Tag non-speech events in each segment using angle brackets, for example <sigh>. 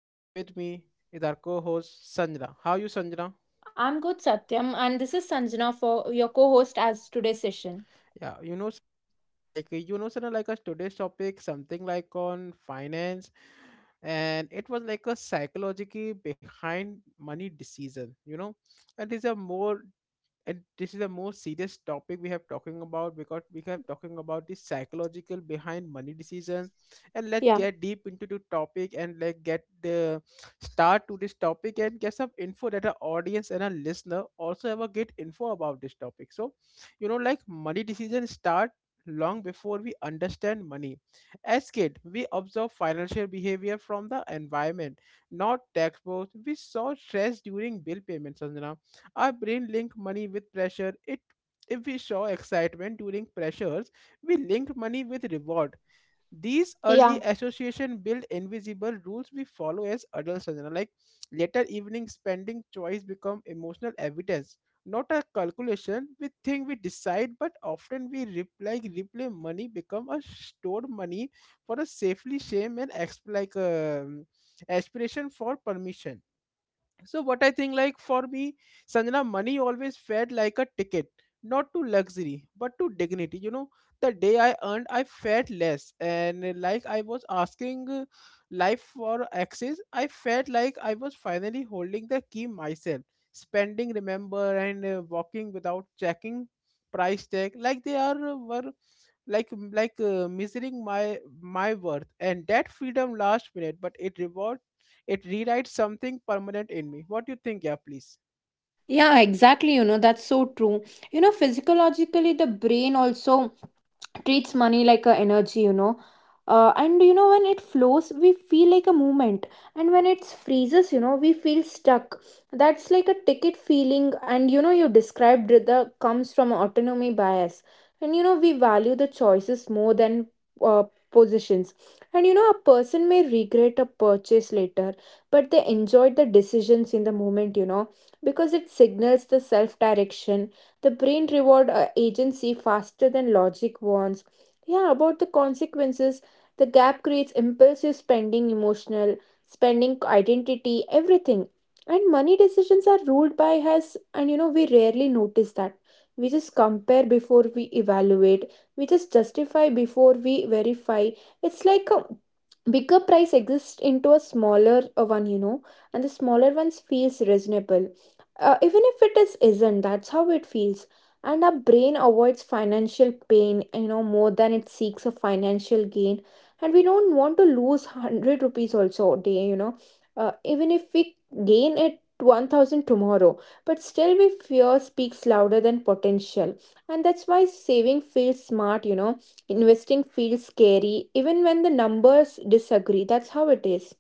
and with me is our co-host Sanjana. How you Sanjana? I'm good, Satyam, and this is Sanjana for your co host as today's session. Yeah, you know Sanjana, like a today's topic something like on finance, and it was like a psychology behind money decision, you know. And it's a more and this is the most serious topic we have talking about, because we have talking about the psychological behind money decisions, and let's Yeah, get deep into the topic and like get the start to this topic and get some info that our audience and our listener also have a good info about this topic. So you know, like money decisions start long before we understand money. As kid we observe financial behavior from the environment, not textbooks. We saw stress during bill payments, Sanjana. Our brain link money with pressure. It if we show excitement during pressures, we link money with reward. These early yeah, association build invisible rules we follow as adults. You Like later evening spending choice become emotional evidence, not a calculation. We think we decide, but often we replay money become a stored money for a safely shame and aspiration for permission. So what I think, like for me, Sanjana, money always felt like a ticket, not to luxury, but to dignity. You know, the day I earned, I felt less, and like I was asking life for access. I felt like I was finally holding the key myself, spending, remember, and walking without checking price tag. Like they are were, like like measuring my worth, and that freedom last minute, but it rewrites something permanent in me. What do you think, yeah, please? Yeah, exactly. You know, that's so true. You know, physiologically, the brain also treats money like a energy, you know. And you know, when it flows we feel like a movement, and when it freezes, you know, we feel stuck. That's like a ticket feeling, and you know, you described the comes from autonomy bias. And you know, we value the choices more than uh, positions. And you know, a person may regret a purchase later, but they enjoyed the decisions in the moment, you know, because it signals the self direction. The brain reward agency faster than logic wants, yeah, about the consequences. The gap creates impulsive spending, emotional spending, identity, everything. And money decisions are ruled by us, and you know, we rarely notice that. We just compare before we evaluate, we just justify before we verify. It's like a bigger price exists into a smaller one, you know, and the smaller ones feels reasonable, even if it is isn't, that's how it feels. And our brain avoids financial pain, you know, more than it seeks a financial gain. And we don't want to lose 100 rupees also a day, you know. Even if we gain it 1000 tomorrow, but still we fear speaks louder than potential. And that's why saving feels smart, you know. Investing feels scary, even when the numbers disagree. That's how it is.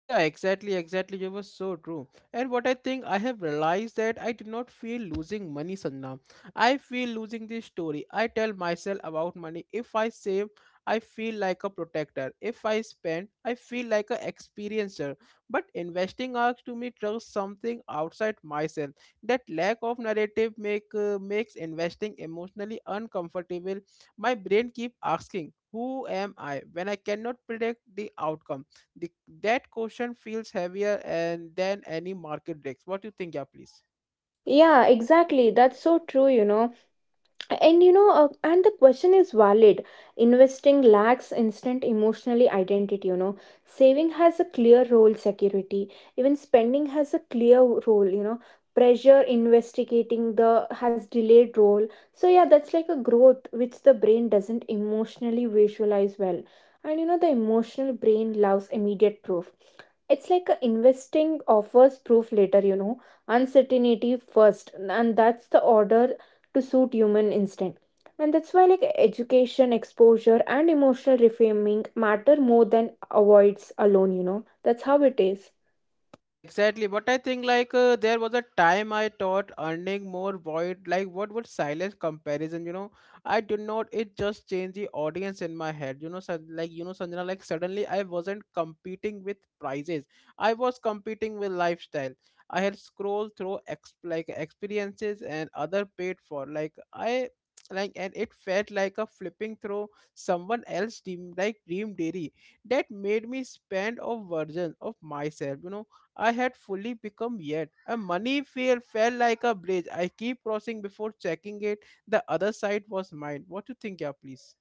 Yeah, exactly, exactly. You were so true. And what I think, I have realized that I do not feel losing money, Sanjana. I feel losing this story I tell myself about money. If I save, I feel like a protector. If I spend, I feel like a experiencer. But investing asks to me trust something outside myself. That lack of narrative makes investing emotionally uncomfortable. My brain keep asking, "Who am I?" when I cannot predict the outcome, the, that question feels heavier and than any market breaks. What do you think, yeah, please? Yeah, exactly. That's so true, you know. And the question is valid. Investing lacks instant emotionally identity, you know. Saving has a clear role, security. Even spending has a clear role, you know. Pressure investigating the has delayed role. So yeah, that's like a growth which the brain doesn't emotionally visualize well. And you know, the emotional brain loves immediate proof. It's like a investing offers proof later, you know, uncertainty first, and that's the order to suit human instinct. And that's why like education, exposure and emotional reframing matter more than avoids alone, you know. That's how it is. Yeah, exactly. But I think, like there was a time I thought earning more void like what would silence comparison, you know? I did not, it just changed the audience in my head. You know, so, like you know, Sanjana, like suddenly I wasn't competing with prices. I was competing with lifestyle. I had scrolled through ex like experiences and other paid for. Like I, like, and it felt like a flipping through someone else dream like dream dairy that made me spend a version of myself, you know, I had fully become yet. A money fail fell like a bridge I keep crossing before checking it. The other side was mine. What you think, yeah, please?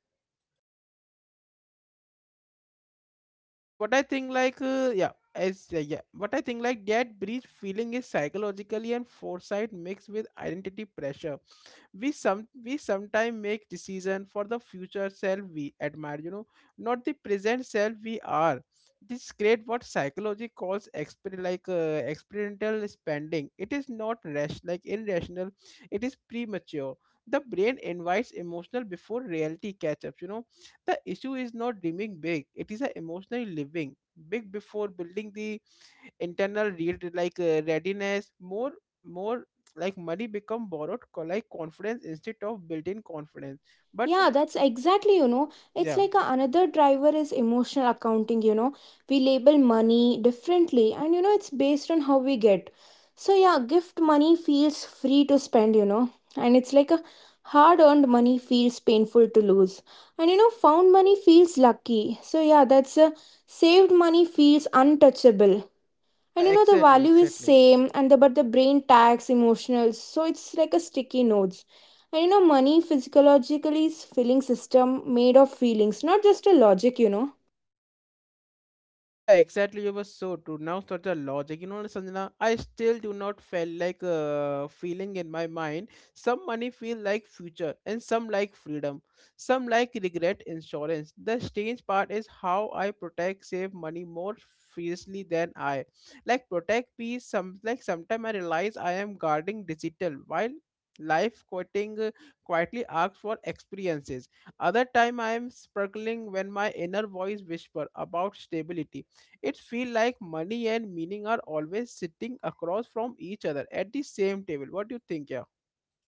So what I think, like what I think, like that bridge feeling is psychologically and foresight mixed with identity pressure. We sometimes make decision for the future self we admire, you know, not the present self we are. This create what psychology calls experimental spending. It is not rash, like irrational, it is premature. The brain invites emotional before reality catch up, you know. The issue is not dreaming big, it is a emotionally living big before building the internal readiness. More, like money become borrowed confidence instead of built-in confidence, but Yeah, that's exactly, you know, it's yeah, like a, another driver is emotional accounting, you know. We label money differently, and you know, it's based on how we get. So yeah, gift money feels free to spend, you know. And it's like a hard-earned money feels painful to lose. And you know, found money feels lucky. So yeah, that's a saved money feels untouchable. yeah, And you know, the exactly, value is exactly. same, and the but the brain tags emotional, so it's like a sticky notes. And you know, money physiologically is feeling system, made of feelings, not just a logic, you know. Yeah, exactly. You were so true. Now start the logic. You know, Sanjana, I still do not feel like feeling in my mind. Some money feel like future, and some like freedom. Some like regret insurance. The strange part is how I protect save money more fiercely than I like protect peace. Some, like, sometimes I realize I am guarding digital while life quoting quietly asks for experiences, other time I am struggling when my inner voice whisper about stability. It feels like money and meaning are always sitting across from each other at the same table. What do you think, yeah?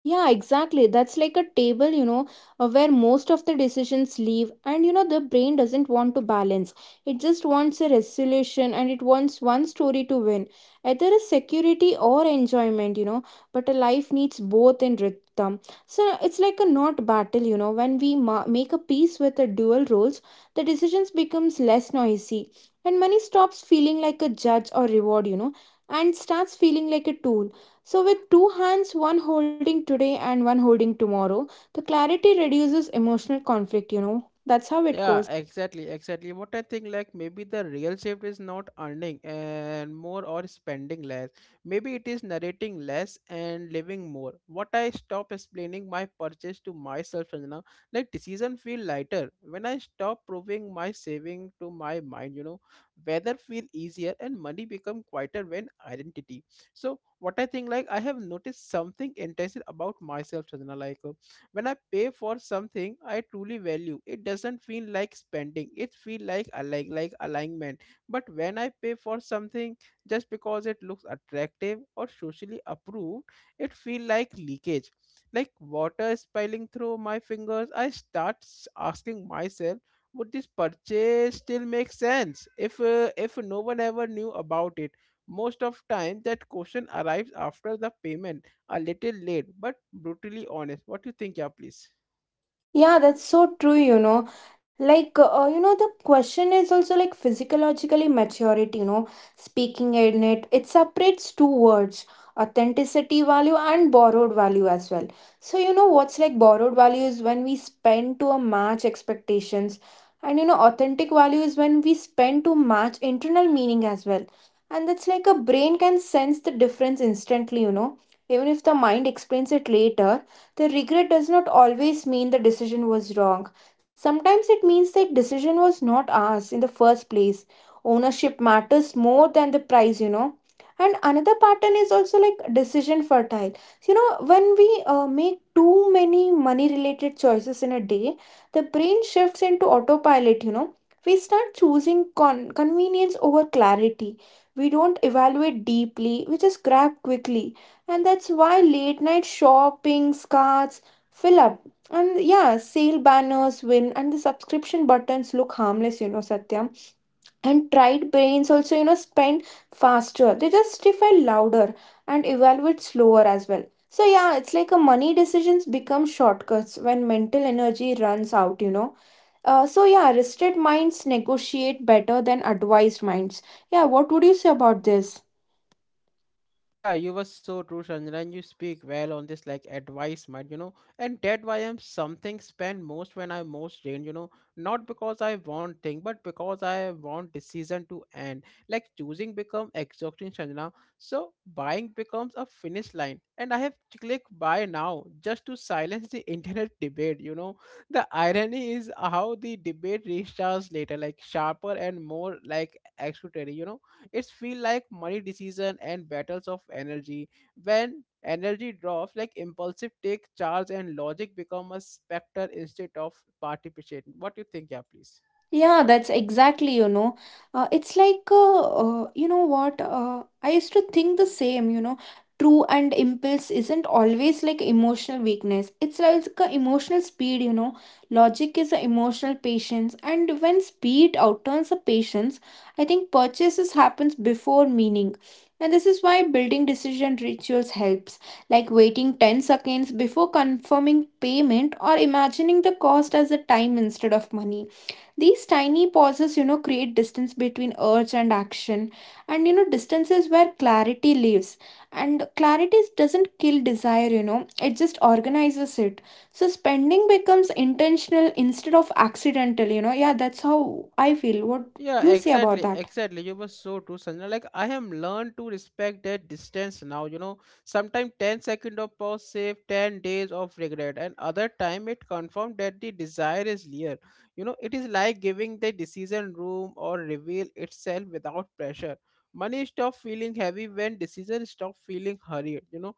Yeah, exactly. That's like a table, you know, where most of the decisions leave, and you know, the brain doesn't want to balance. It just wants a resolution, and it wants one story to win, either a security or enjoyment, you know. But a life needs both in rhythm. So it's like a not battle, you know. When we make a peace with the dual roles, the decisions becomes less noisy, and money stops feeling like a judge or reward, you know, and starts feeling like a tool, so, with two hands, one holding today and one holding tomorrow, the clarity reduces emotional conflict, you know. That's how it Yeah, goes. exactly, exactly. What I think, like maybe the real shift is not earning and more or spending less. Maybe it is narrating less and living more. What I stop explaining my purchase to myself, Sanjana, like decision feel lighter when I stop proving my saving to my mind. You know, weather feel easier and money become quieter when identity. So what I think, like I have noticed something intensive about myself, Sanjana, like. When I pay for something I truly value, it doesn't feel like spending, it feel like alignment. But when I pay for something just because it looks attractive or socially approved, it feel like leakage, like water is spilling through my fingers. I start asking myself, would this purchase still make sense if no one ever knew about it? Most of time that question arrives after the payment, a little late but brutally honest. What do you think, yeah, please? Yeah, that's so true, you know. You know, the question is also like physiologically maturity, you know, speaking in it, it separates two words, authenticity value and borrowed value as well. So, you know, what's like borrowed value is when we spend to a match expectations, and you know, authentic value is when we spend to match internal meaning as well. And that's like a brain can sense the difference instantly, you know, even if the mind explains it later. The regret does not always mean the decision was wrong. Sometimes it means that decision was not ours in the first place. Ownership matters more than the price, you know. And another pattern is also like decision fertile. You know, when we make too many money related choices in a day, the brain shifts into autopilot, you know. We start choosing convenience over clarity. We don't evaluate deeply, we just grab quickly. And that's why late night shopping carts fill up, and yeah, sale banners win, and the subscription buttons look harmless, you know, Satyam. And tried brains also, you know, spend faster, they justify louder and evaluate slower as well. So yeah, it's like a money decisions become shortcuts when mental energy runs out, you know. So yeah, rested minds negotiate better than advised minds. Yeah, what would you say about this? Yeah, you were so true, Sanjana, and you speak well on this like advice, advisement, you know, and that why I'm something spend most when I most drained, you know, not because I want thing, but because I want decision to end. Like choosing become exhausting, Sanjana. So buying becomes a finish line, and I have to click buy now just to silence the <laughs> internet debate. You know, the irony is how the debate restarts later, like sharper and more like explodatory. You know, it's feel like money decision and battles of energy. When energy drops, like impulsive take charge and logic become a specter instead of participation. What do you think, yeah, please? Yeah, that's exactly, you know. You know what? I used to think the same, you know. True, and impulse isn't always like emotional weakness. It's like a emotional speed, you know. Logic is a emotional patience. And when speed outturns a patience, I think purchases happens before meaning. And this is why building decision rituals helps, like waiting 10 seconds before confirming payment, or imagining the cost as a time instead of money. These tiny pauses, you know, create distance between urge and action, and you know, distance is where clarity lives. And clarity doesn't kill desire, you know, it just organizes it. So spending becomes intentional instead of accidental, you know. Yeah, that's how I feel. What Yeah, you say about exactly, that? exactly. You were so true, Sanjana. Like I have learned to respect that distance now. You know, sometimes 10 seconds of pause save 10 days of regret, and other time it confirmed that the desire is clear. You know, it is like giving the decision room or reveal itself without pressure. Money stop feeling heavy when decisions stop feeling hurried. You know,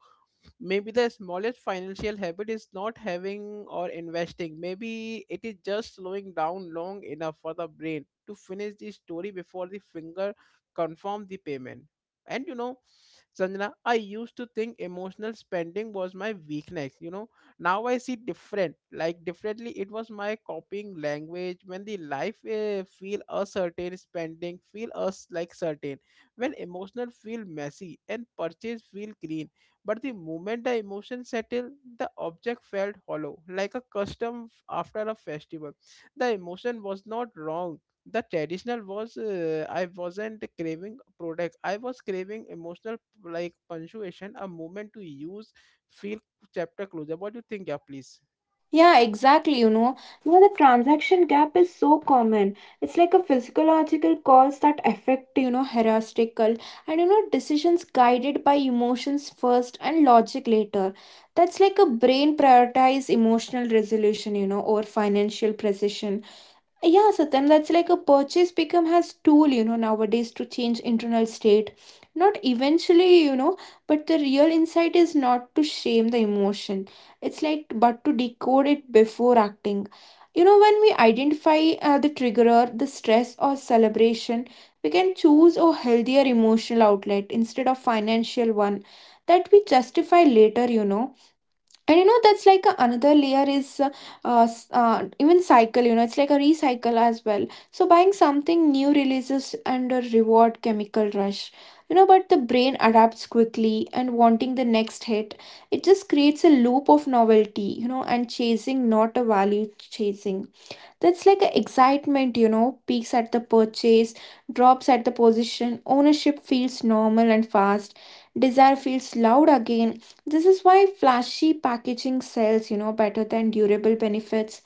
maybe the smallest financial habit is not having or investing, maybe it is just slowing down long enough for the brain to finish the story before the finger confirm the payment. And you know, Sanjana, I used to think emotional spending was my weakness, you know. Now I see differently, it was my copying language. When the life feel certain, spending feel us like certain. When emotional feel messy and purchase feel green, but the moment the emotion settled, the object felt hollow, like a custom after a festival. The emotion was not wrong. The traditional was, I wasn't craving product. I was craving emotional like punctuation, a moment to use, feel chapter closer. What do you think, yeah, please? Yeah, exactly. You know, the transaction gap is so common. It's like a physiological cause that affect, you know, heuristical, and, you know, decisions guided by emotions first and logic later. That's like a brain prioritize emotional resolution, you know, or financial precision. Yeah, Satyam, that's like a purchase become has tool, you know, nowadays to change internal state. Not eventually, you know, but the real insight is not to shame the emotion. It's like, but to decode it before acting. You know, when we identify the triggerer, the stress or celebration, we can choose a healthier emotional outlet instead of financial one that we justify later, you know. And you know, that's like a, another layer is even cycle, you know, it's like a recycle as well. So buying something new releases and a reward chemical rush, you know, but the brain adapts quickly and wanting the next hit. It just creates a loop of novelty, you know, and chasing not a value chasing. That's like a excitement, you know, peaks at the purchase, drops at the position, ownership feels normal, and fast desire feels loud again. This is why flashy packaging sells, you know, better than durable benefits.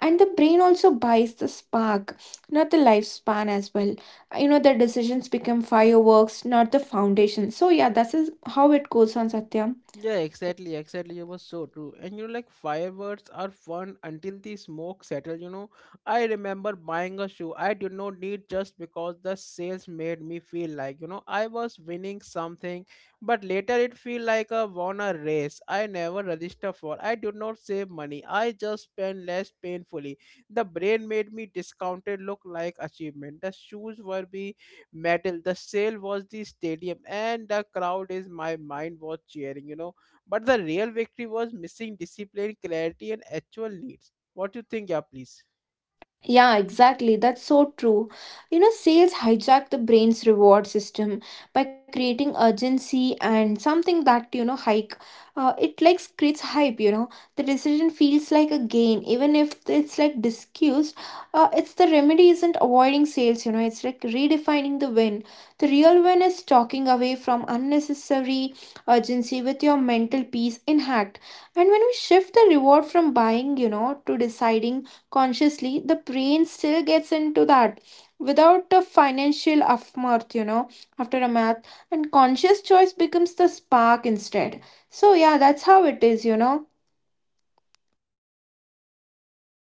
And the brain also buys the spark, not the lifespan as well. You know, the decisions become fireworks, not the foundation. So, yeah, that is how it goes on, Satyam. Yeah, exactly, exactly. It was so true. And you know, like fireworks are fun until the smoke settles. You know, I remember buying a shoe I did not need just because the sales made me feel like, you know, I was winning something, but later it feel like I won a race I never register for. I did not save money, I just spent less painfully. The brain made me discounted look like achievement. The shoes were be metal. The sale was the stadium, and the crowd is my mind was cheering, you know. But the real victory was missing discipline, clarity, and actual needs. What do you think, yeah, please? Yeah, exactly. That's so true. You know, sales hijack the brain's reward system by creating urgency and something that, you know, hike. It like creates hype, you know. The decision feels like a gain, even if it's like discussed. It's the remedy isn't avoiding sales, you know, it's like redefining the win. The real win is talking away from unnecessary urgency with your mental peace intact. And when we shift the reward from buying, you know, to deciding consciously, the brain still gets into that without a financial aftermath, you know, after a math. And conscious choice becomes the spark instead. So yeah, that's how it is, you know.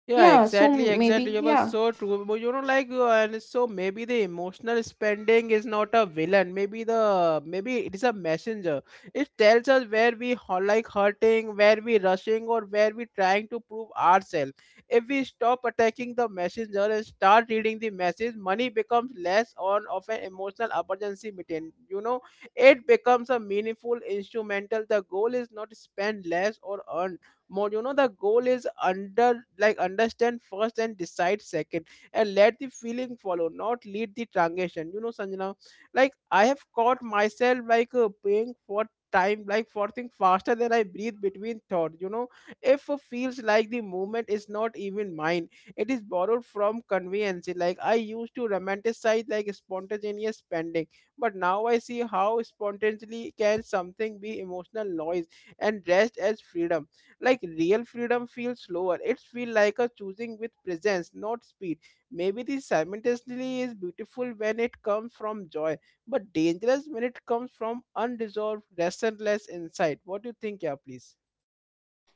Yeah, Yeah, so exactly, exactly. maybe, You were yeah. so true. But you know, like, and so maybe the emotional spending is not a villain. Maybe the maybe it is a messenger. It tells us where we hurting, where we rushing, or where we trying to prove ourselves. If we stop attacking the messenger and start reading the message, money becomes less on of an emotional emergency meeting. You know, it becomes a meaningful instrumental. The goal is not spend less or earn more, you know, the goal is under, like, understand first and decide second, and let the feeling follow, not lead the transaction, you know, Sanjana. Like I have caught myself like paying for time, like for thing faster than I breathe between thought, you know. If feels like the movement is not even mine, it is borrowed from convenience. Like I used to romanticize like spontaneous spending, but now I see how spontaneously can something be emotional noise and dressed as freedom. Like real freedom feels slower. It feels like a choosing with presence, not speed. Maybe this simultaneously is beautiful when it comes from joy, but dangerous when it comes from unresolved restless insight. What do you think, yeah, please?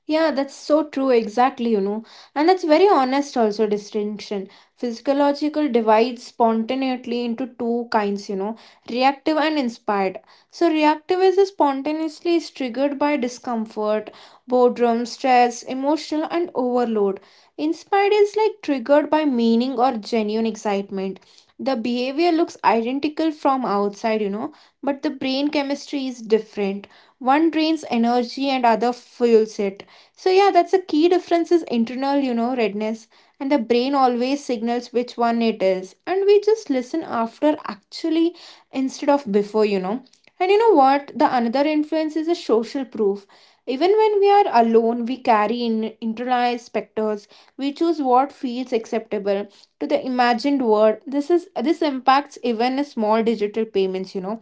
Yeah, that's so true, exactly, you know. And that's very honest also distinction. Physiological divides spontaneously into two kinds, you know, reactive and inspired. So reactive is spontaneously is triggered by discomfort, boredom, stress, emotional and overload. Inspired is like triggered by meaning or genuine excitement. The behavior looks identical from outside, you know, but the brain chemistry is different. One drains energy and other fuels it. So yeah, that's a key difference is internal, you know, redness. And the brain always signals which one it is, and we just listen after actually, instead of before, you know. And you know what, the another influence is a social proof. Even when we are alone, we carry in internalized specters. We choose what feels acceptable to the imagined world. This impacts even small digital payments, you know.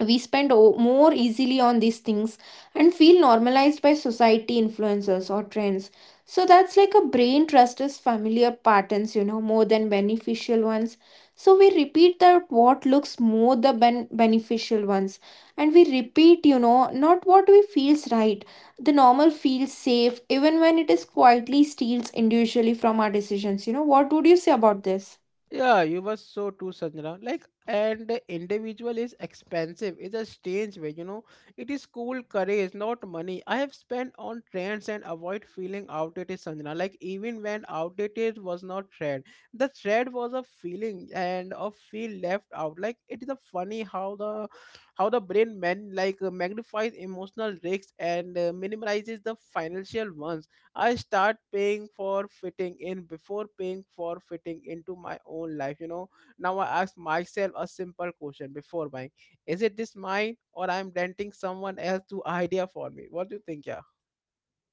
We spend more easily on these things and feel normalized by society, influencers or trends. So that's like a brain trusts familiar patterns, you know, more than beneficial ones. So we repeat that what looks more the beneficial ones, and we repeat, you know, not what we feels right. The normal feels safe even when it is quietly steals individually from our decisions, you know. What would you say about this? Yeah, you were so too, Sanjana. Like, and the individual is expensive. It's a strange way, you know. It is cool courage, not money. I have spent on trends and avoid feeling outdated, Sanjana. Like, even when outdated was not trend, the thread was a feeling and a feel left out. Like, it is a funny how the brain man like magnifies emotional risks and minimizes the financial ones. I start paying for fitting in before paying for fitting into my own life. You know, now I ask myself a simple question before buying: is it this mine, or I'm renting someone else to idea for me? What do you think, yeah?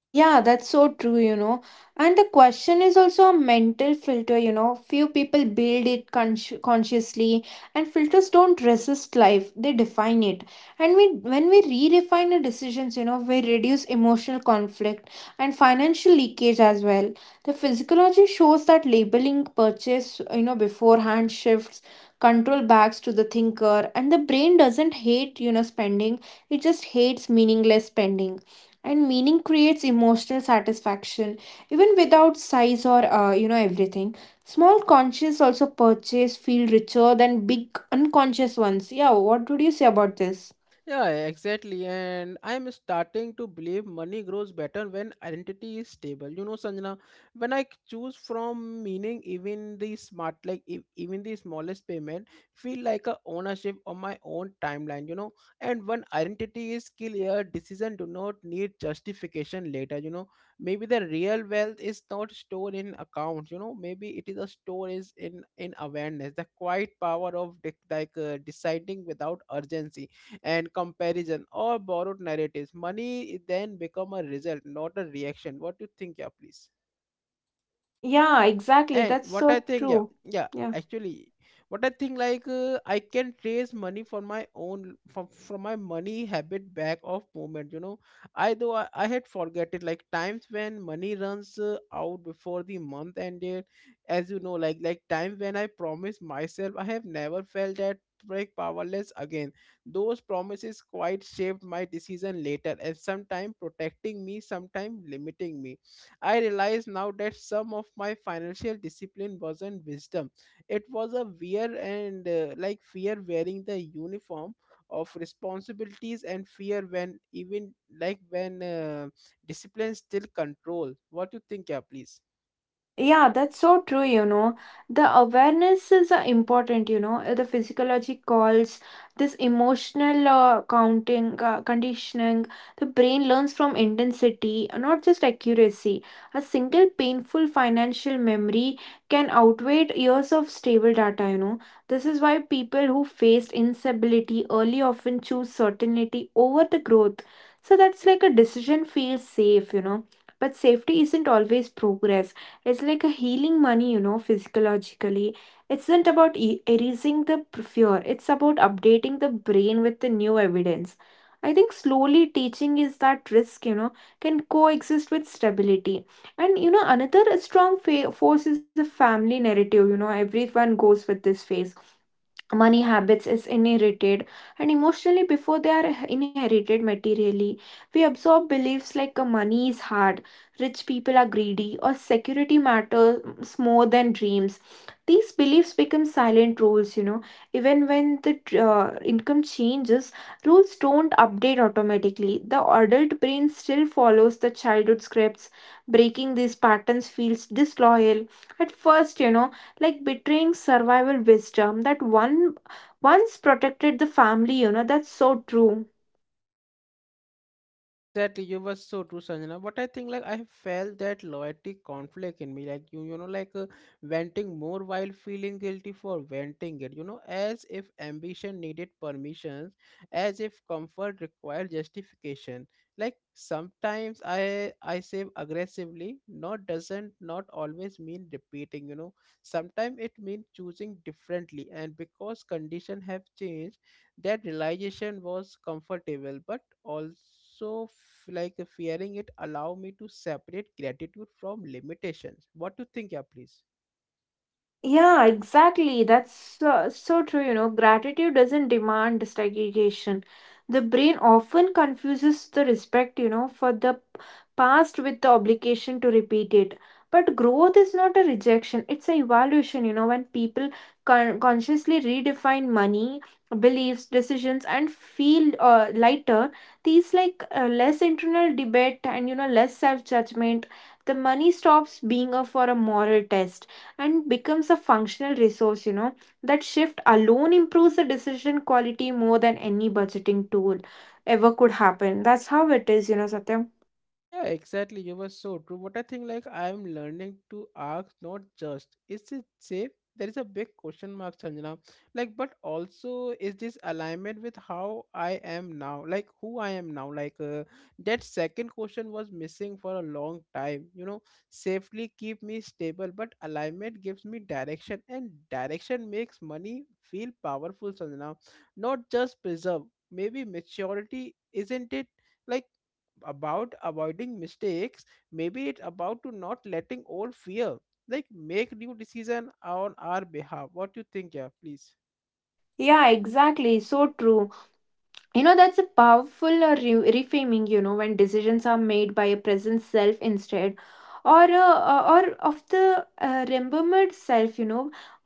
Yeah, that's so true, you know. And the question is also a mental filter, you know. Few people build it consciously, and filters don't resist life, they define it. And we, when we redefine the decisions, you know, we reduce emotional conflict and financial leakage as well. The physiology shows that labeling purchase, you know, beforehand shifts control backs to the thinker, and the brain doesn't hate, you know, spending, it just hates meaningless spending, and meaning creates emotional satisfaction even without size or you know, everything small conscious also purchase feel richer than big unconscious ones. Yeah, what would you say about this? Yeah, exactly. And I'm starting to believe money grows better when identity is stable. You know, Sanjana, when I choose from meaning, even the smart, like e- even the smallest payment, feel like a ownership of my own timeline. You know, and when identity is clear, decision do not need justification later. You know, maybe the real wealth is not stored in accounts. You know, maybe it is a store is in awareness, the quiet power of dec- like deciding without urgency and comparison or borrowed narratives. Money then become a result, not a reaction. What do you think, yeah, please? Yeah, exactly, And that's what I so think, yeah, true. yeah, Yeah, actually, what I think, like, I can trace money for my own from my money habit back of moment. You know, I though I had forget it like times when money runs out before the month ended, as you know, like time when I promised myself I have never felt that like powerless again. Those promises quite shaped my decision later, and sometime protecting me, sometime limiting me. I realize now that some of my financial discipline wasn't wisdom. It was a wear and like fear wearing the uniform of responsibilities, and fear when even like when discipline still control. What you think, yeah, please? yeah, that's so true, you know. The awarenesses are important, you know. The physiology calls this emotional counting, conditioning. The brain learns from intensity, not just accuracy. A single painful financial memory can outweigh years of stable data, you know. This is why people who faced instability early often choose certainty over the growth. So that's like a decision feels safe, you know. But safety isn't always progress, it's like a healing money, you know, physiologically. It's not about erasing the fear, it's about updating the brain with the new evidence. I think slowly teaching is that risk, you know, can coexist with stability. And, you know, another strong force is a family narrative, you know, everyone goes with this phase. Money habits is inherited and emotionally before they are inherited materially. We absorb beliefs like money is hard, rich people are greedy, or security matters more than dreams. These beliefs become silent rules, you know, even when the income changes. Rules don't update automatically, the adult brain still follows the childhood scripts. Breaking these patterns feels disloyal at first, you know, like betraying survival wisdom that one once protected the family, you know. That's so true. Exactly, you were so true, Sanjana. But I think like I have felt that loyalty conflict in me, like you know, like venting more while feeling guilty for venting it. You know, as if ambition needed permissions, as if comfort required justification. Like sometimes I save aggressively. Not doesn't not always mean repeating. You know, sometimes it means choosing differently. And because condition have changed, that realization was comfortable, but also f- like fearing it allow me to separate gratitude from limitations. What do you think, yeah, please? Yeah, exactly. That's so true. You know, gratitude doesn't demand segregation. The brain often confuses the respect, you know, for the past with the obligation to repeat it. But growth is not a rejection, it's an evaluation. You know, when people consciously redefine money, beliefs, decisions, and feel lighter, these like less internal debate and, you know, less self judgment, the money stops being a for a moral test and becomes a functional resource, you know. That shift alone improves the decision quality more than any budgeting tool ever could happen. That's how it is, you know, Satyam. Yeah, exactly. You were so true. But I think like I'm learning to ask not just is it safe? There is a big question mark, Sanjana. Like, but also is this alignment with how I am now? Like who I am now? Like that second question was missing for a long time. You know, safely keep me stable, but alignment gives me direction, and direction makes money feel powerful, Sanjana. Not just preserve. Maybe maturity isn't it? Like about avoiding mistakes. Maybe it's about to not letting old fear like make new decision on our behalf. What you think, yeah, please? Yeah, exactly, so true. You know, that's a powerful reframing, you know, when decisions are made by a present self instead or of the remembered self, you know,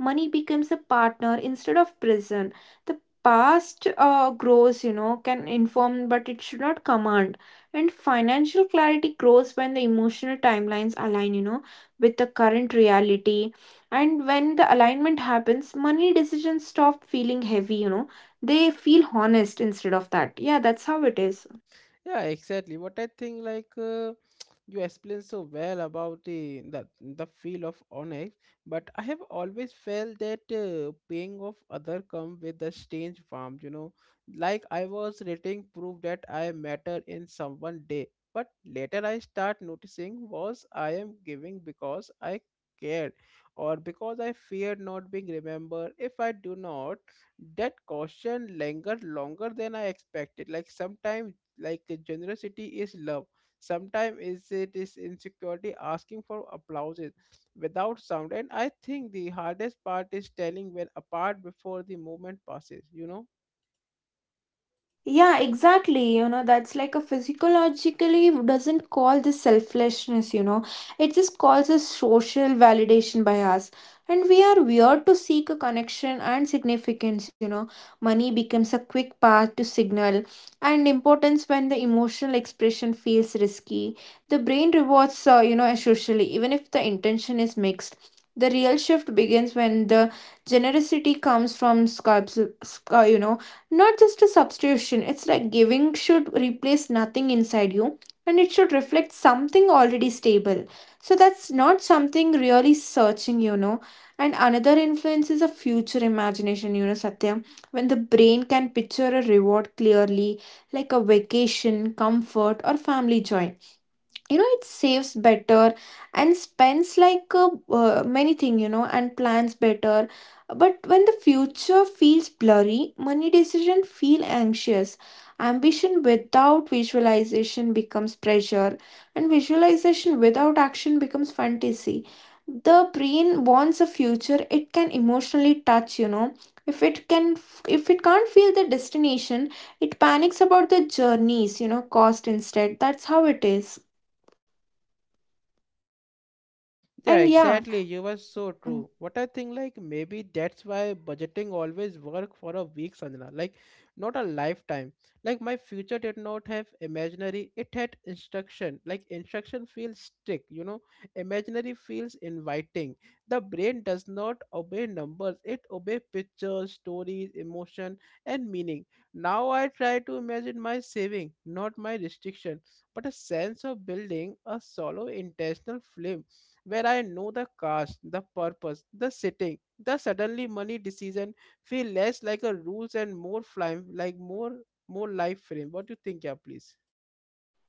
money becomes a partner instead of prison. The past grows, you know, can inform, but it should not command. And financial clarity grows when the emotional timelines align, you know, with the current reality. And when the alignment happens, money decisions stop feeling heavy, you know, they feel honest instead of that. Yeah, that's how it is. Yeah, exactly. What I think, like <sniffs> <tsk> you explained so well about the feel of Onyx, but I have always felt that paying off other come with a strange warmth. You know, like I was rating proof that I matter in someone day, but later I start noticing was I am giving because I cared, or because I feared not being remembered. If I do not, that caution lingered longer than I expected. Like sometimes like generosity is love, sometimes is it is insecurity asking for applauses without sound. And I think the hardest part is telling when apart before the moment passes, you know. Yeah, exactly. You know, that's like a physiologically doesn't call this selflessness, you know. It just calls a social validation by us. And we are weird to seek a connection and significance, you know. Money becomes a quick path to signal and importance when the emotional expression feels risky. The brain rewards, you know, socially, even if the intention is mixed. The real shift begins when the generosity comes from sculpts, you know, not just a substitution. It's like giving should replace nothing inside you and it should reflect something already stable. So that's not something really searching, you know. And another influence is a future imagination, you know, Satya, when the brain can picture a reward clearly, like a vacation, comfort, or family joy, you know, it saves better and spends like many thing, you know, and plans better. But when the future feels blurry, money decision feel anxious. Ambition without visualization becomes pressure, and visualization without action becomes fantasy. The brain wants a future it can emotionally touch, you know. if it can if it can't feel the destination, it panics about the journeys, you know, cost instead. That's how it is. Yeah, And yeah, exactly. You were so mm, true. What I think, like, maybe that's why budgeting always work for a week, Sanjana. Like, not a lifetime. Like, my future did not have imaginary, it had instruction. Like, instruction feels strict, you know, imaginary feels inviting. The brain does not obey numbers, it obey pictures, stories, emotion, and meaning. Now I try to imagine my saving, not my restriction, but a sense of building a solo intentional film where I know the cast, the purpose, the setting. The suddenly money decision feel less like a rules and more fly like more life frame. What do you think, yeah, please?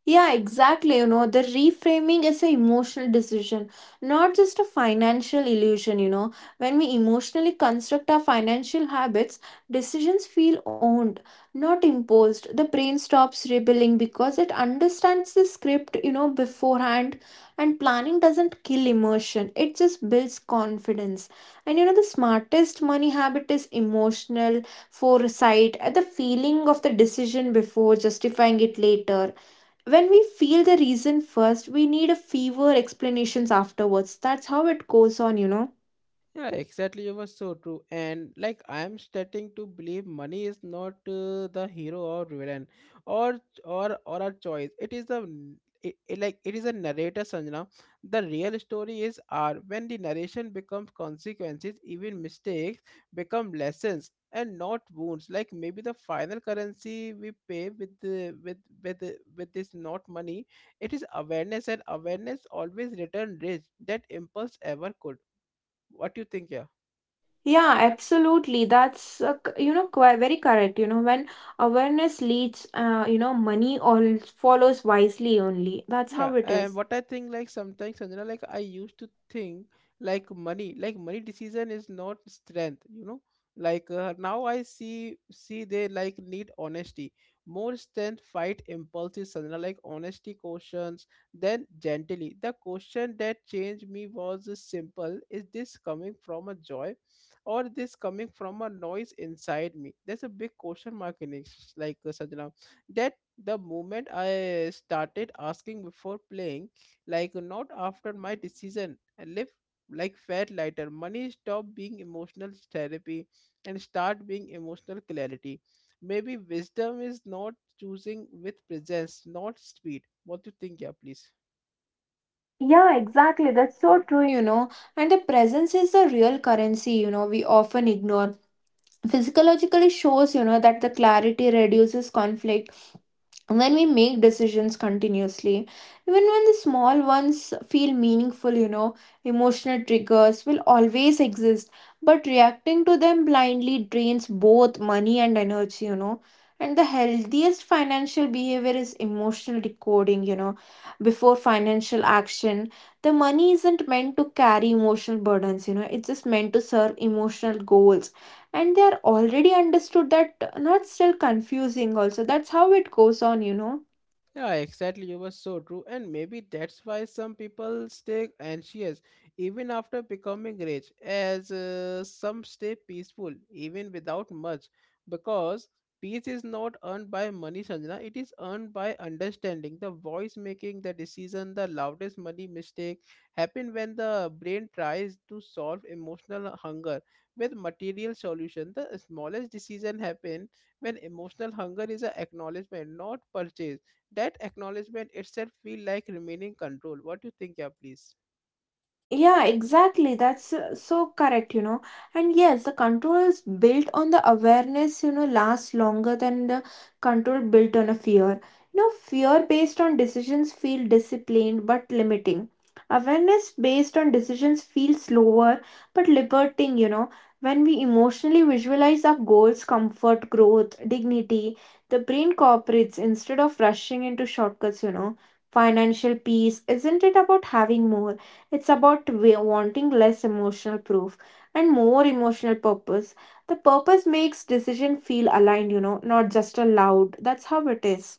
yeah, exactly. You know, the reframing is an emotional decision, not just a financial illusion. You know, when we emotionally construct our financial habits, decisions feel owned, not imposed. The brain stops rebelling because it understands the script, you know, beforehand. And planning doesn't kill emotion, it just builds confidence. And you know, the smartest money habit is emotional foresight, the feeling of the decision before justifying it later. When we feel the reason first, we need a fever explanations afterwards. That's how it goes on, you know. Yeah, exactly. You were so true. And like, I am starting to believe money is not the hero or villain or or a choice. It is a n- it like it is a narrator, Sanjana. The real story is R. When the narration becomes consequences, even mistakes become lessons and not wounds. Like maybe the final currency we pay with the, with with this not money. It is awareness, and awareness always return rich that impulse ever could. What do you think, yeah? Yeah, absolutely. That's you know, very correct. You know, when awareness leads, you know, money all follows wisely only. That's how Yeah, it and is. what I think like sometimes Sanjana, like I used to think like money decision is not strength, you know. Like now I see they like need honesty. More strength fight impulses, Sanjana, like honesty questions, then gently. The question that changed me was simple. Is this coming from a joy, or this coming from a noise inside me? That's a big question mark in it, like Sanjana. That the moment I started asking before playing, like not after my decision, I live like fat lighter. Money stop being emotional therapy and start being emotional clarity. Maybe wisdom is not choosing with presence, not speed. What do you think, yeah, please? Yeah, exactly. That's so true, you know. And the presence is the real currency, you know, we often ignore. Physiologically shows, you know, that the clarity reduces conflict when we make decisions continuously, even when the small ones feel meaningful, you know. Emotional triggers will always exist, but reacting to them blindly drains both money and energy, you know. And the healthiest financial behavior is emotional decoding, you know, before financial action. The money isn't meant to carry emotional burdens, you know, it's just meant to serve emotional goals, and they are already understood that not still confusing also. That's how it goes on, you know. Yeah, exactly. You were so true. And maybe that's why some people stay anxious even after becoming rich, as some stay peaceful even without much. Because peace is not earned by money, Sanjana. It is earned by understanding the voice making, the decision, the loudest money mistake happen when the brain tries to solve emotional hunger with material solution. The smallest decision happen when emotional hunger is an acknowledgement, not purchase. That acknowledgement itself feel like remaining control. What do you think, yeah, please? Yeah, exactly. That's so correct, you know. And yes, the control is built on the awareness, you know, lasts longer than the control built on a fear. You know, fear based on decisions feel disciplined but limiting. Awareness based on decisions feel slower but liberating, you know. When we emotionally visualize our goals, comfort, growth, dignity, the brain cooperates instead of rushing into shortcuts, you know. Financial peace, isn't it about having more? It's about wanting less emotional proof and more emotional purpose. The purpose makes decision feel aligned, you know, not just a loud. That's how it is.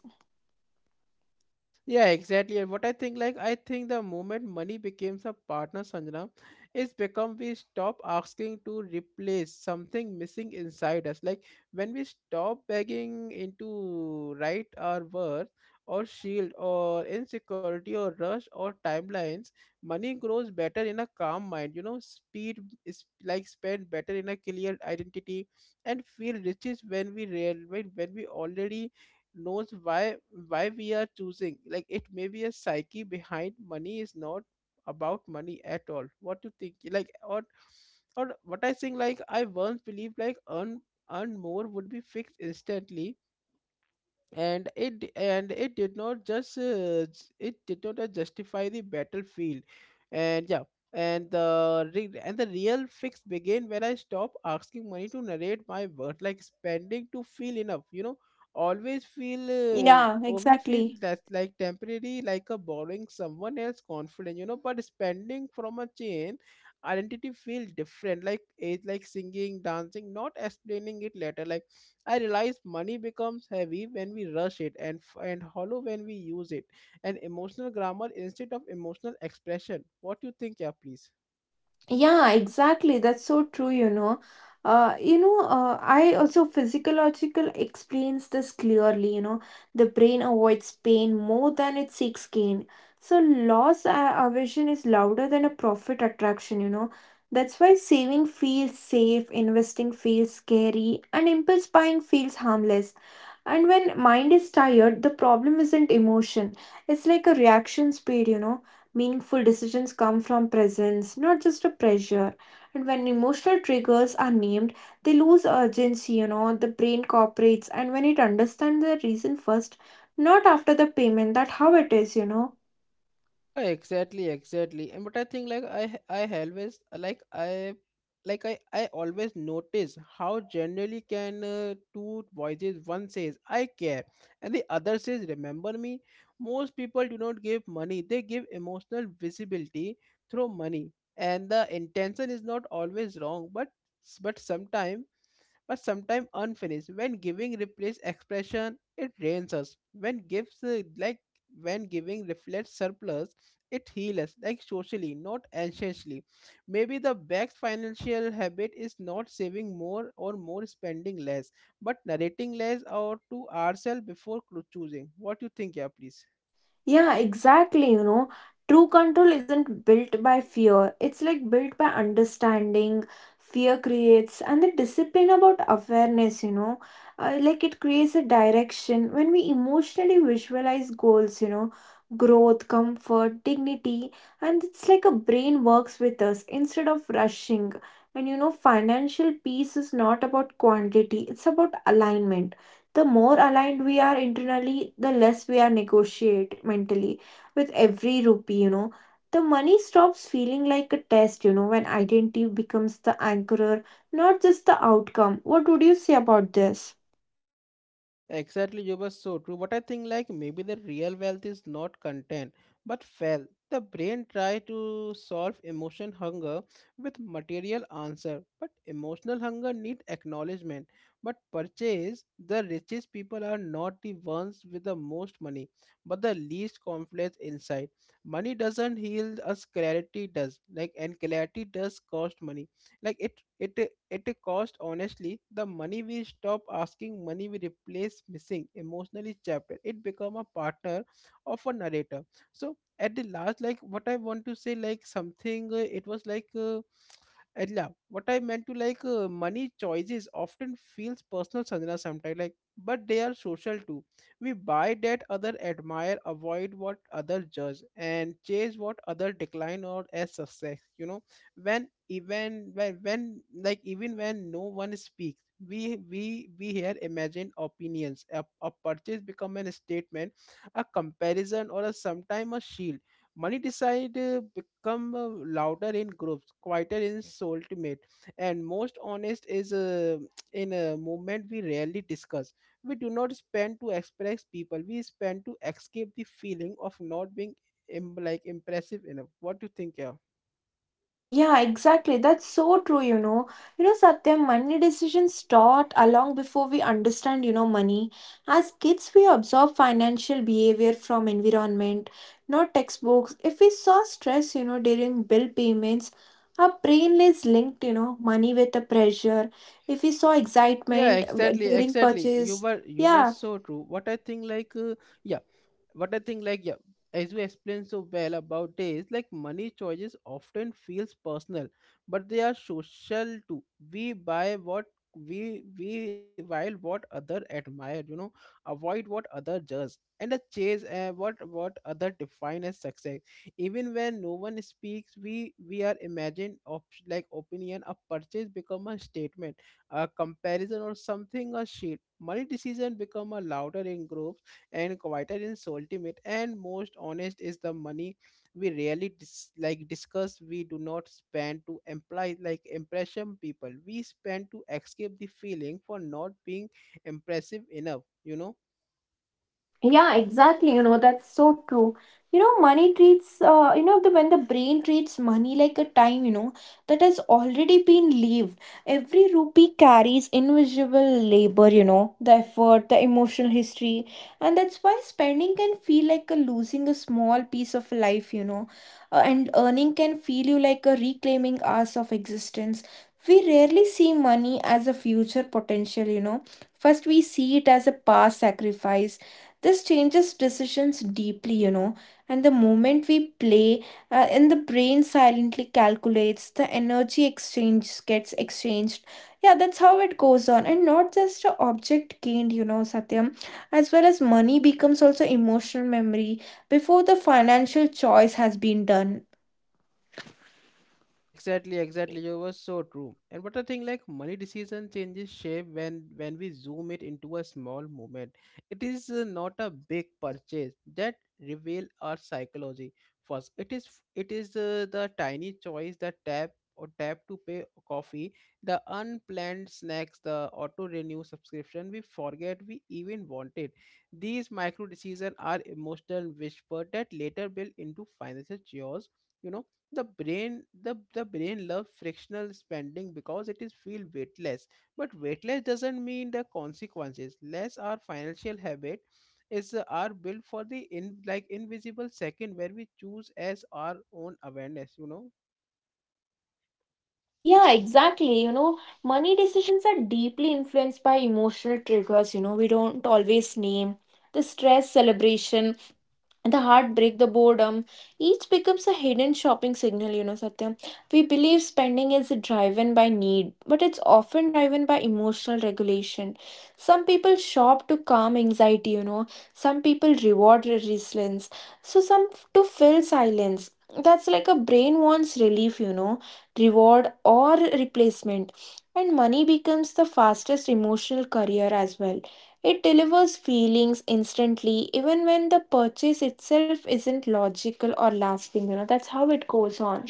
Yeah, exactly. And what I think, like, I think the moment money becomes a partner, Sanjana, it's become we stop asking to replace something missing inside us. Like when we stop begging into right our worth or shield or insecurity or rush or timelines, money grows better in a calm mind. You know, speed is like spend better in a clear identity and feel riches when we real when we already knows why we are choosing. Like it may be a psyche behind money is not about money at all. What do you think, like, or what I think, like I once believed like earn more would be fixed instantly, and it did not just it did not justify the battlefield. And yeah, and the re- and the real fix began when I stopped asking money to narrate my worth. Like spending to feel enough, you know, always feel Yeah, only feels exactly. that's like temporary, like a borrowing someone else confidence, you know. But spending from a chain identity feel different, like it's like singing dancing, not explaining it later. Like I realize money becomes heavy when we rush it and f- and hollow when we use it, and emotional grammar instead of emotional expression. What do you think, yeah, please? Yeah, exactly. That's so true, you know. I also physiological explains this clearly, you know. The brain avoids pain more than it seeks gain. So loss aversion is louder than a profit attraction, you know. That's why saving feels safe, investing feels scary, and impulse buying feels harmless. And when mind is tired, the problem isn't emotion, it's like a reaction speed, you know. Meaningful decisions come from presence, not just a pressure. And when emotional triggers are named, they lose urgency, you know. The brain cooperates and when it understands the reason first, not after the payment. That how it is, you know. Yeah, exactly, exactly. And but I think like I always like I like I always notice how generally can two voices, one says I care and the other says remember me. Most people do not give money, they give emotional visibility through money. And the intention is not always wrong, but sometimes but sometimes unfinished. When giving replaces expression, it drains us. When gives like when giving reflects surplus, it heals us like socially, not anxiously. Maybe the best financial habit is not saving more or more spending less, but narrating less or to ourselves before clo- choosing. What you think, yeah, please? Yeah, exactly. You know, true control isn't built by fear, it's like built by understanding. Fear creates, and the discipline about awareness, you know, like it creates a direction when we emotionally visualize goals, you know, growth, comfort, dignity, and it's like a brain works with us instead of rushing. And you know, financial peace is not about quantity, it's about alignment. The more aligned we are internally, the less we are negotiate mentally with every rupee, you know. The money stops feeling like a test, you know, when identity becomes the anchorer, not just the outcome. What would you say about this? Exactly, you were so true. But I think like maybe the real wealth is not content, but felt. The brain try to solve emotion hunger with material answer, but emotional hunger need acknowledgement. But purchase the richest people are not the ones with the most money, but the least confidence inside. Money doesn't heal us, clarity does. Like and clarity does cost money, like it it cost honestly. The money we stop asking money we replace missing emotionally chapter it become a partner of a narrator. So at the last, like what I want to say, like something it was like and yeah, what I meant to like money choices often feels personal, Sanjana, sometimes like, but they are social too. We buy that other admire, avoid what other judge, and chase what other decline or as success. You know, when even when like even when no one speaks, we here imagine opinions. A purchase become an statement, a comparison, or a sometime a shield. Money decide become louder in groups, quieter in solitary, and most honest is in a movement we rarely discuss. We do not spend to express people. We spend to escape the feeling of not being impressive enough. What do you think, yeah? Yeah, exactly. That's so true, you know. You know, Satyam, money decisions start along before we understand, you know, money. As kids, we observe financial behavior from environment, not textbooks. If we saw stress, you know, during bill payments, our brain is linked, you know, money with the pressure. If we saw Yeah, excitement exactly, during exactly. You purchase, were you were yeah, so true. What I think, yeah like, yeah, as you explained so well about is like money choices often feels personal, but they are social too. We buy what we while what other admire, you know, avoid what other judge, and a chase what other define as success. Even when no one speaks, we are imagined of like opinion. A purchase become a statement, a comparison or something a shield. Money decision become a louder in group and quieter is ultimate and most honest is the money we rarely discuss. We do not spend to imply like impression people. We spend to escape the feeling for not being impressive enough, you know. yeah, exactly. You know, that's so true. You know, money treats, the when the brain treats money like a time, you know, that has already been lived. Every rupee carries invisible labor, you know, the effort, the emotional history. And that's why spending can feel like a losing a small piece of life, you know, and earning can feel you like a reclaiming hours of existence. We rarely see money as a future potential, you know. First, we see it as a past sacrifice. This changes decisions deeply, you know. And the moment we play, and the brain silently calculates the energy exchange gets exchanged. Yeah, that's how it goes on, and not just a object gained, you know, Satyam. As well as money becomes also emotional memory before the financial choice has been done. Yeah, exactly, exactly. You were so true. And what I think like money decision changes shape when we zoom it into a small movement. It is not a big purchase that reveal our psychology. First, it is the tiny choice, the tap to pay coffee, the unplanned snacks, the auto renew subscription. We forget we even wanted. These micro decisions are emotional whisper that later build into financial chaos. You know, the brain loves frictional spending because it is feel weightless, but weightless doesn't mean the consequences less. Our financial habit is are built for the in like invisible second where we choose as our own awareness, you know. Yeah, exactly. You know, money decisions are deeply influenced by emotional triggers. You know, we don't always name the stress, celebration, the heartbreak, the boredom, each becomes a hidden shopping signal, you know, Satyam. We believe spending is driven by need, but it's often driven by emotional regulation. Some people shop to calm anxiety, you know, some people reward resilience, so some to fill silence. That's like a brain wants relief, you know, reward or replacement. And money becomes the fastest emotional career as well, it delivers feelings instantly, even when the purchase itself isn't logical or lasting. You know, that's how it goes on.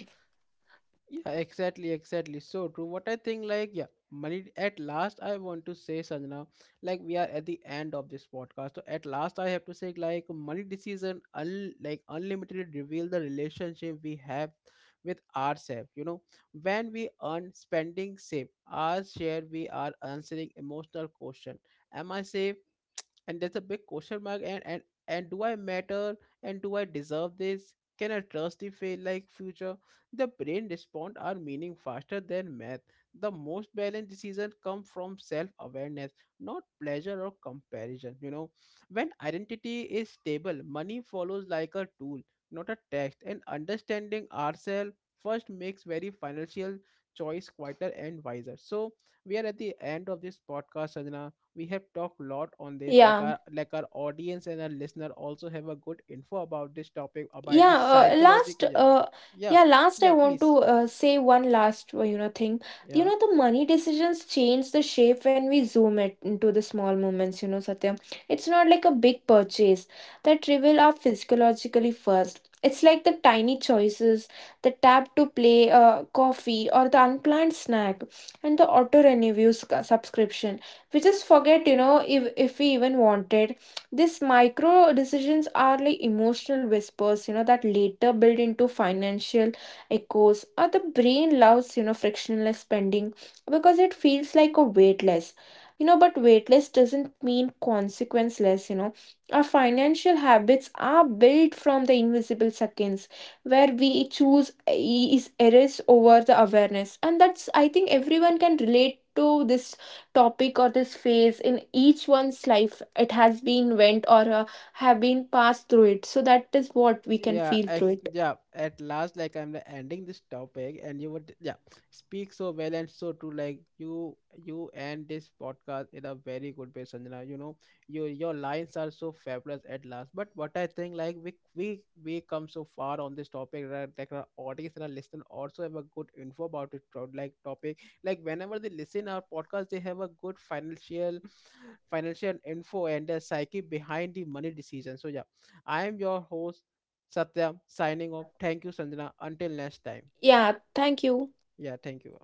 Yeah, exactly, exactly. So true. What I think, like, yeah, money. At last, I want to say, Sanjana, like, we are at the end of this podcast. So at last, I have to say, like, money decision, unlimited reveal the relationship we have with ourselves. You know, when we earn, spending, save, our share, we are answering emotional question. Am I safe? And there's a big question mark. And do I matter? And do I deserve this? Can I trust the fail like future? The brain respond our meaning faster than math. The most balanced decision come from self-awareness, not pleasure or comparison, you know. When identity is stable, money follows like a tool, not a text. And understanding ourselves first makes very financial choice quieter and wiser. So we are at the end of this podcast, Sajna. We have talked a lot on this, like Yeah. our audience and our listener also have a good info about this topic, about Yeah, this uh, last, psychological, yeah. uh, Yeah. yeah, last I Yeah, want please. to say one last, you know, thing. You Yeah. know, the money decisions change the shape when we zoom it into the small moments, you know, Satya. It's not like a big purchase that reveal our physiologically first. It's like the tiny choices, the tap to play coffee or the unplanned snack and the auto renews subscription. We just forget, you know, if we even wanted. These micro decisions are like emotional whispers, you know, that later build into financial echoes. Or the brain loves, you know, frictionless spending because it feels like a weightless. You know, but weightless doesn't mean consequenceless, you know. Our financial habits are built from the invisible seconds where we choose is errors over the awareness. And that's I think everyone can relate to this topic or this phase in each one's life it has been went or have been passed through it, so that is what we can yeah feel through ex- it. yeah at last, like, ending this topic, and you would, yeah, speak so well and so true. Like, you end this podcast in a very good way, Sanjana, you know. Your lines are so fabulous at last. But what I think, like, we come so far on this topic that, like, our audience and our listener also have a good info about it throughout, like, topic, like whenever they listen our podcast, they have a good financial info and the psyche behind the money decision. So yeah, I am your host, Satyam, signing off. Thank you, Sanjana. Until next time. Yeah, thank you. Yeah, thank you.